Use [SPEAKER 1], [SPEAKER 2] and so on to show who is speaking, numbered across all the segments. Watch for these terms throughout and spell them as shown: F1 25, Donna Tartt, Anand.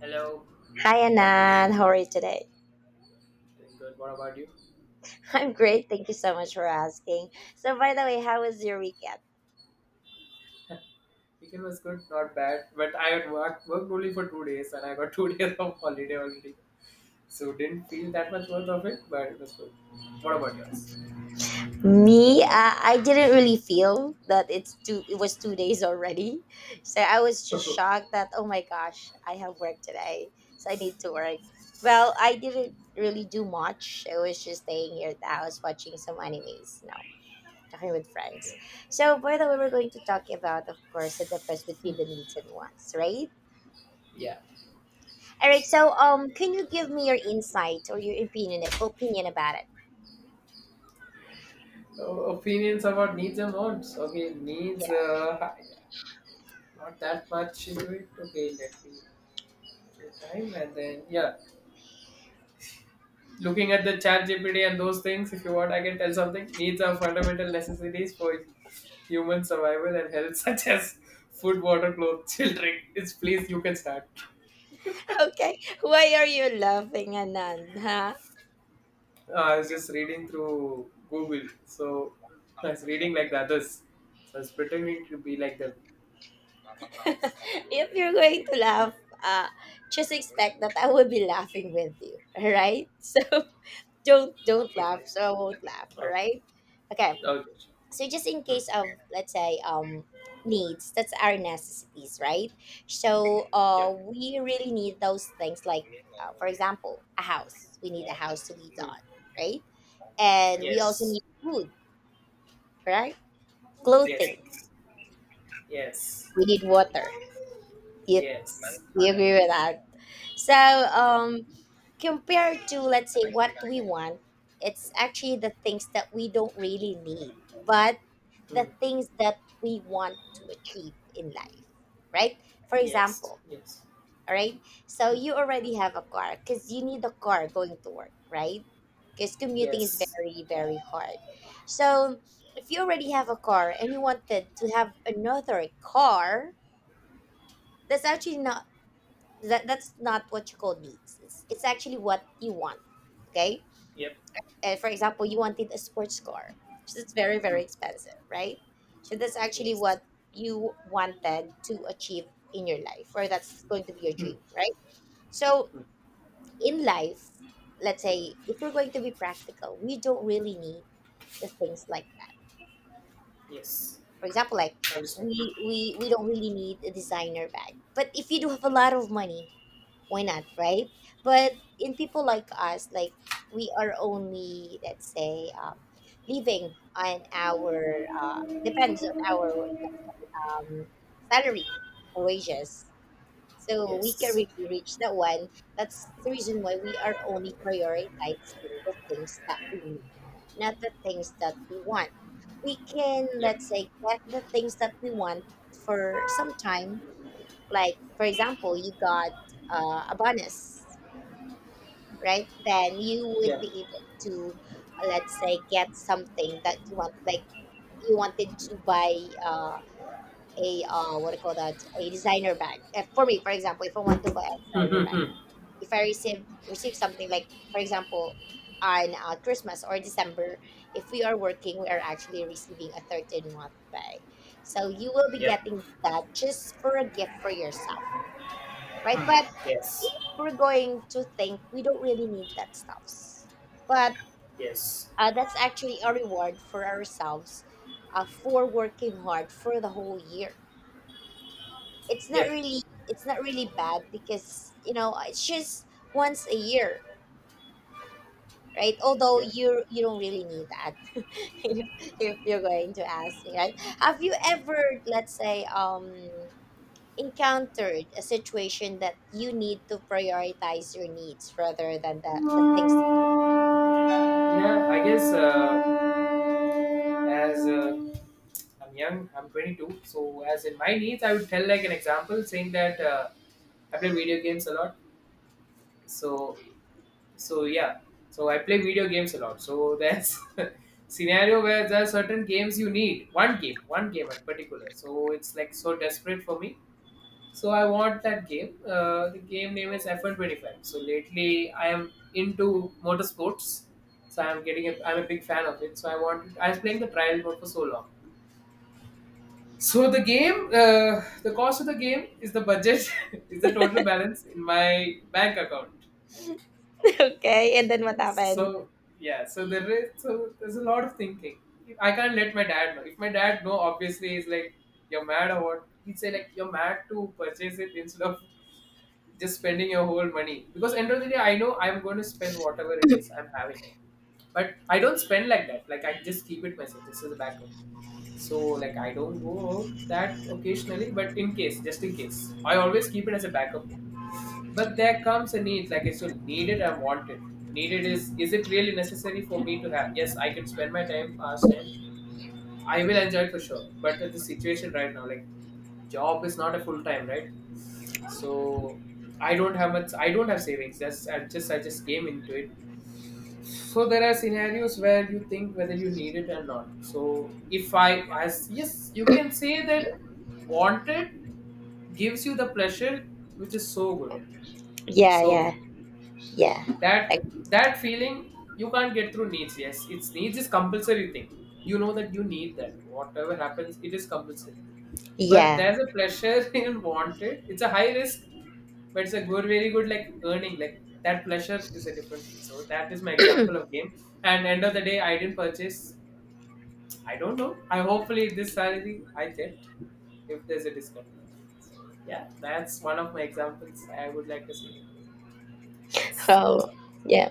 [SPEAKER 1] Hello,
[SPEAKER 2] Hi Anand, how are you today?
[SPEAKER 1] doing good. What about you?
[SPEAKER 2] I'm great, thank you so much for asking. So by the way, how was your weekend?
[SPEAKER 1] Weekend was good, not bad. But I had worked only for 2 days, and I got 2 days of holiday already. So didn't feel that much worth of it, but it was good. What about yours?
[SPEAKER 2] Me, I didn't really feel that it's two. It was 2 days already, so I was just shocked that oh my gosh, I have work today, so I need to work. Well, I didn't really do much. I was just staying here at the house watching some animes, no, talking with friends.
[SPEAKER 1] Yeah.
[SPEAKER 2] So by the way, we're going to talk about, of course, the difference between the needs and wants, right?
[SPEAKER 1] Yeah.
[SPEAKER 2] All right.
[SPEAKER 1] So,
[SPEAKER 2] So, can you give me your insight or your opinion about it?
[SPEAKER 1] uh, Opinions about needs and wants. Okay, needs.
[SPEAKER 2] Yeah.
[SPEAKER 1] Not that much into it. Okay, let me take time and then yeah. Looking at the chat GPT and those things, if you want, I can tell something. Needs are fundamental necessities for human survival and health, such as food, water, clothes, children. It's please, you can start.
[SPEAKER 2] Okay, why are you laughing, Anan? Huh?
[SPEAKER 1] I was just reading through Google, so I was reading like the others. So I was pretending to be like them.
[SPEAKER 2] If you're going to laugh, uh, just expect that I will be laughing with you. All right? So don't laugh.
[SPEAKER 1] Okay.
[SPEAKER 2] So I won't laugh. All
[SPEAKER 1] Okay.
[SPEAKER 2] right? Okay.
[SPEAKER 1] Okay. Sure.
[SPEAKER 2] So just in
[SPEAKER 1] Hmm.
[SPEAKER 2] case of, let's say, needs, that's our necessities, right? So
[SPEAKER 1] Yeah.
[SPEAKER 2] we really need those things, like, for example, a house, we need a house to live
[SPEAKER 1] Hmm.
[SPEAKER 2] on, right? And we also
[SPEAKER 1] Yes.
[SPEAKER 2] need food, right?
[SPEAKER 1] Yes.
[SPEAKER 2] Clothing.
[SPEAKER 1] Yes. Yes.
[SPEAKER 2] We need water. you,
[SPEAKER 1] Yes.
[SPEAKER 2] you agree with that? So, compared to, let's say, what we want, it's actually the things that we don't really need, but
[SPEAKER 1] Hmm.
[SPEAKER 2] the things that we want to achieve in life, right? For
[SPEAKER 1] Yes.
[SPEAKER 2] example,
[SPEAKER 1] Yes.
[SPEAKER 2] all right, so
[SPEAKER 1] Hmm.
[SPEAKER 2] you already have a car because you need a car going to work, right? Because commuting is
[SPEAKER 1] Yes.
[SPEAKER 2] very, very hard. So if you already have a car and you wanted to have another car, that's actually not that's not what you call needs. It's actually what you want. Okay?
[SPEAKER 1] Yep.
[SPEAKER 2] And, for example, you wanted a sports car, so it's very, very
[SPEAKER 1] Hmm.
[SPEAKER 2] expensive, right? So that's actually
[SPEAKER 1] Yes.
[SPEAKER 2] what you wanted to achieve in your life, or that's going to be your
[SPEAKER 1] Hmm.
[SPEAKER 2] dream, right? So
[SPEAKER 1] Hmm.
[SPEAKER 2] in life, let's say, if we're going to be practical, we don't really need the things like that.
[SPEAKER 1] Yes.
[SPEAKER 2] For example, like,
[SPEAKER 1] Understand.
[SPEAKER 2] we don't really need a designer bag, but if you do have a lot of money, why not, right? But in people like us, like, we are only, let's say, living on our, depends on our, um, salary or wages. So we can
[SPEAKER 1] Yes.
[SPEAKER 2] really reach that one. That's the reason why we are only prioritizing the things that we need, not the things that we want. We can,
[SPEAKER 1] Yep.
[SPEAKER 2] let's say, get the things that we want for some time. Like, for example, you got a bonus, right? Then you would
[SPEAKER 1] Yeah.
[SPEAKER 2] be able to, let's say, get something that you want, like you wanted to buy uh, a what do you call that, a designer bag. For me, for example, if I want to buy a
[SPEAKER 1] Hmm.
[SPEAKER 2] designer
[SPEAKER 1] Hmm.
[SPEAKER 2] bag,
[SPEAKER 1] Hmm.
[SPEAKER 2] if I receive something like, for example, on Christmas or December, if we are working, we are actually receiving a 13 month pay. So you will be
[SPEAKER 1] Yep.
[SPEAKER 2] getting that just for a gift for yourself, right? But
[SPEAKER 1] Yes.
[SPEAKER 2] if we're going to think, we don't really need that stuff. But
[SPEAKER 1] Yes.
[SPEAKER 2] That's actually a reward for ourselves, for working hard for the whole year. It's not
[SPEAKER 1] Yep.
[SPEAKER 2] really it's not really bad, because, it's just once a year, right? Although
[SPEAKER 1] Yep.
[SPEAKER 2] you don't really need that. if, if you're going to ask me. Right? Have you ever, let's say, encountered a situation that you need to prioritize your needs rather than the things?
[SPEAKER 1] Yeah, I guess, as I'm young, I'm 22. So as in my needs, I would tell like an example saying that I play video games a lot. So so yeah. So I play video games a lot. So that's scenario where there are certain games you need one game in particular. So it's like so desperate for me. So I want that game. The game name is F1 25. So lately I am into motorsports. So I'm getting I'm a big fan of it. So I was playing the trial mode for so long. So the game, the cost of the game is the budget, is the total balance in my bank account.
[SPEAKER 2] Okay, and then what happened?
[SPEAKER 1] So yeah, so there is so there's a lot of thinking. I can't let my dad know. If my dad know, obviously he's like, "You're mad or what?" He'd say like, "You're mad to purchase it instead of just spending your whole money." Because end of the day, I know I'm going to spend whatever it is I'm having, but I don't spend like that. Like, I just keep it myself. This is a backup. So like I don't go out that occasionally, but in case, just in case, I always keep it as a backup. But there comes a need, like, it's needed and wanted. Needed is it really necessary for me to have? Yes, I can spend my time past time. I will enjoy it for sure, but the situation right now, like, job is not a full time, right? So I don't have much. I don't have savings. That's, I just came into it. So there are scenarios where you think whether you need it or not. So if I, as, yes, you can say that wanted gives you the pleasure, which is so good,
[SPEAKER 2] Yeah,
[SPEAKER 1] so
[SPEAKER 2] yeah,
[SPEAKER 1] good.
[SPEAKER 2] yeah, like,
[SPEAKER 1] That that feeling you can't get through needs. Yes, it's needs is compulsory thing. You know that you need that, whatever happens, it is compulsory. But
[SPEAKER 2] yeah.
[SPEAKER 1] there's a pleasure in wanted. It's a high risk, but it's a good, very good, like, earning, like that pleasure is a different thing. So that is my example of game. And end of the day, I didn't purchase. I don't know, I hopefully this salary I get, if there's a discount. So yeah, that's one of my examples I would like to say. Yes, that's
[SPEAKER 2] Oh,
[SPEAKER 1] all.
[SPEAKER 2] yeah.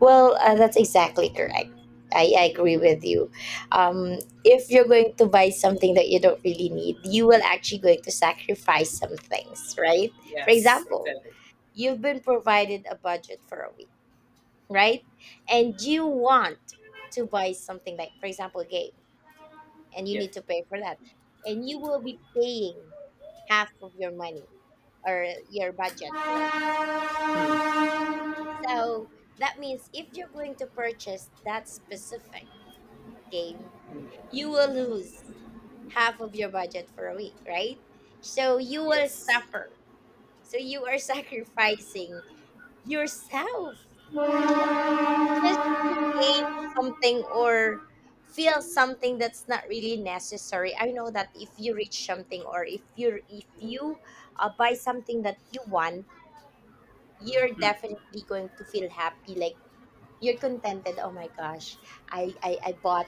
[SPEAKER 2] Well, that's exactly correct. I agree with you. Um, if you're going to buy something that you don't really need, you will actually going to sacrifice some things, right? For
[SPEAKER 1] Yes,
[SPEAKER 2] example,
[SPEAKER 1] exactly.
[SPEAKER 2] you've been provided a budget for a week, right? And you want to buy something like, for example, a game, and you
[SPEAKER 1] Yeah.
[SPEAKER 2] need to pay for that, and you will be paying half of your money or your budget for a. So that means if you're going to purchase that specific game, you will lose half of your budget for a week, right? So you will
[SPEAKER 1] Yes.
[SPEAKER 2] suffer. So you are sacrificing yourself, just just to gain something or feel something that's not really necessary. I know that if you reach something, or if you buy something that you want, you're
[SPEAKER 1] Hmm.
[SPEAKER 2] definitely going to feel happy, like, you're contented. Oh my gosh, I bought,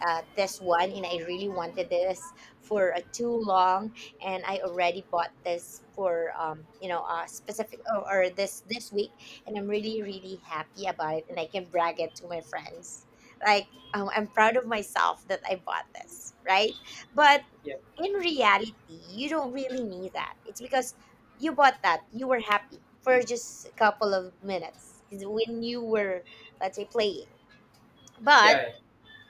[SPEAKER 2] this one, and I really wanted this for, too long, and I already bought this for, specific, or this week, and I'm really, really happy about it, and I can brag it to my friends, like, I'm proud of myself that I bought this, right? But
[SPEAKER 1] Yeah.
[SPEAKER 2] in reality, you don't really need that. It's because you bought that, you were happy for
[SPEAKER 1] Hmm.
[SPEAKER 2] just a couple of minutes 'cause when you were, let's say, playing. But
[SPEAKER 1] Yeah. Yeah.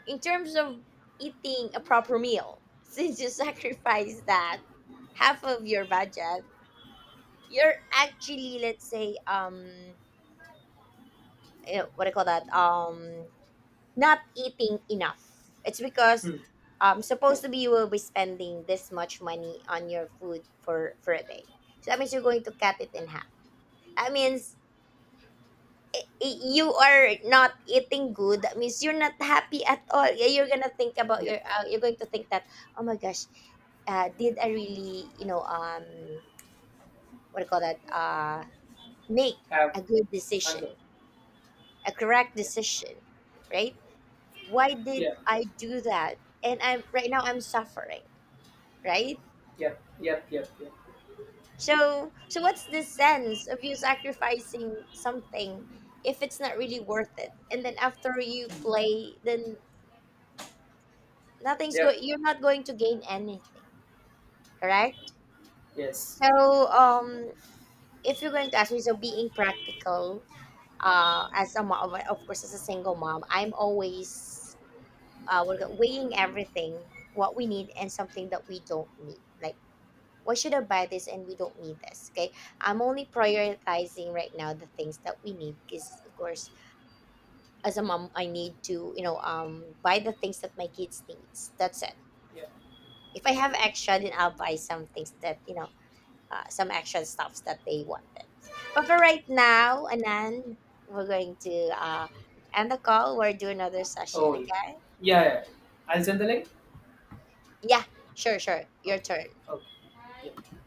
[SPEAKER 2] in terms of eating a proper meal, since you sacrifice that half of your budget, you're actually, let's say, what do you call that? Not eating enough. It's because,
[SPEAKER 1] Hmm.
[SPEAKER 2] supposed to be, you will be spending this much money on your food for a day. So that means you're going to cut it in half. That means, you are not eating good. That means you're not happy at all. Yeah, you're gonna think about
[SPEAKER 1] Yeah.
[SPEAKER 2] your. You're going to think that, oh my gosh, did I really, what do you call that, make
[SPEAKER 1] Have
[SPEAKER 2] a good decision,
[SPEAKER 1] hunger.
[SPEAKER 2] a correct
[SPEAKER 1] Yeah.
[SPEAKER 2] decision, right? Why did
[SPEAKER 1] Yeah.
[SPEAKER 2] I do that? And I'm right now I'm suffering, right?
[SPEAKER 1] Yeah. Yep. Yep. Yep.
[SPEAKER 2] So what's the sense of you sacrificing something if it's not really worth it? And then after you play, then nothing's going.
[SPEAKER 1] Yep.
[SPEAKER 2] You're not going to gain anything, correct?
[SPEAKER 1] Yes.
[SPEAKER 2] So, if you're going to ask me, so being practical, as a mom, of course, as a single mom, I'm always, what do you call- weighing everything, what we need and something that we don't need, like, why should I buy this and we don't need this? Okay. I'm only
[SPEAKER 1] Hmm.
[SPEAKER 2] prioritizing right now the things that we need, because, of course, as a mom, I need to, buy the things that my kids needs. That's it.
[SPEAKER 1] Yeah.
[SPEAKER 2] If I have extra, then I'll buy some things that, some extra stuffs that they wanted. But for right now, Anan, we're going to end the call. We'll do another session
[SPEAKER 1] Oh yeah.
[SPEAKER 2] again.
[SPEAKER 1] Yeah. Yeah. I'll send the link.
[SPEAKER 2] Yeah, sure, sure. Your
[SPEAKER 1] Okay.
[SPEAKER 2] turn.
[SPEAKER 1] Okay. Yeah.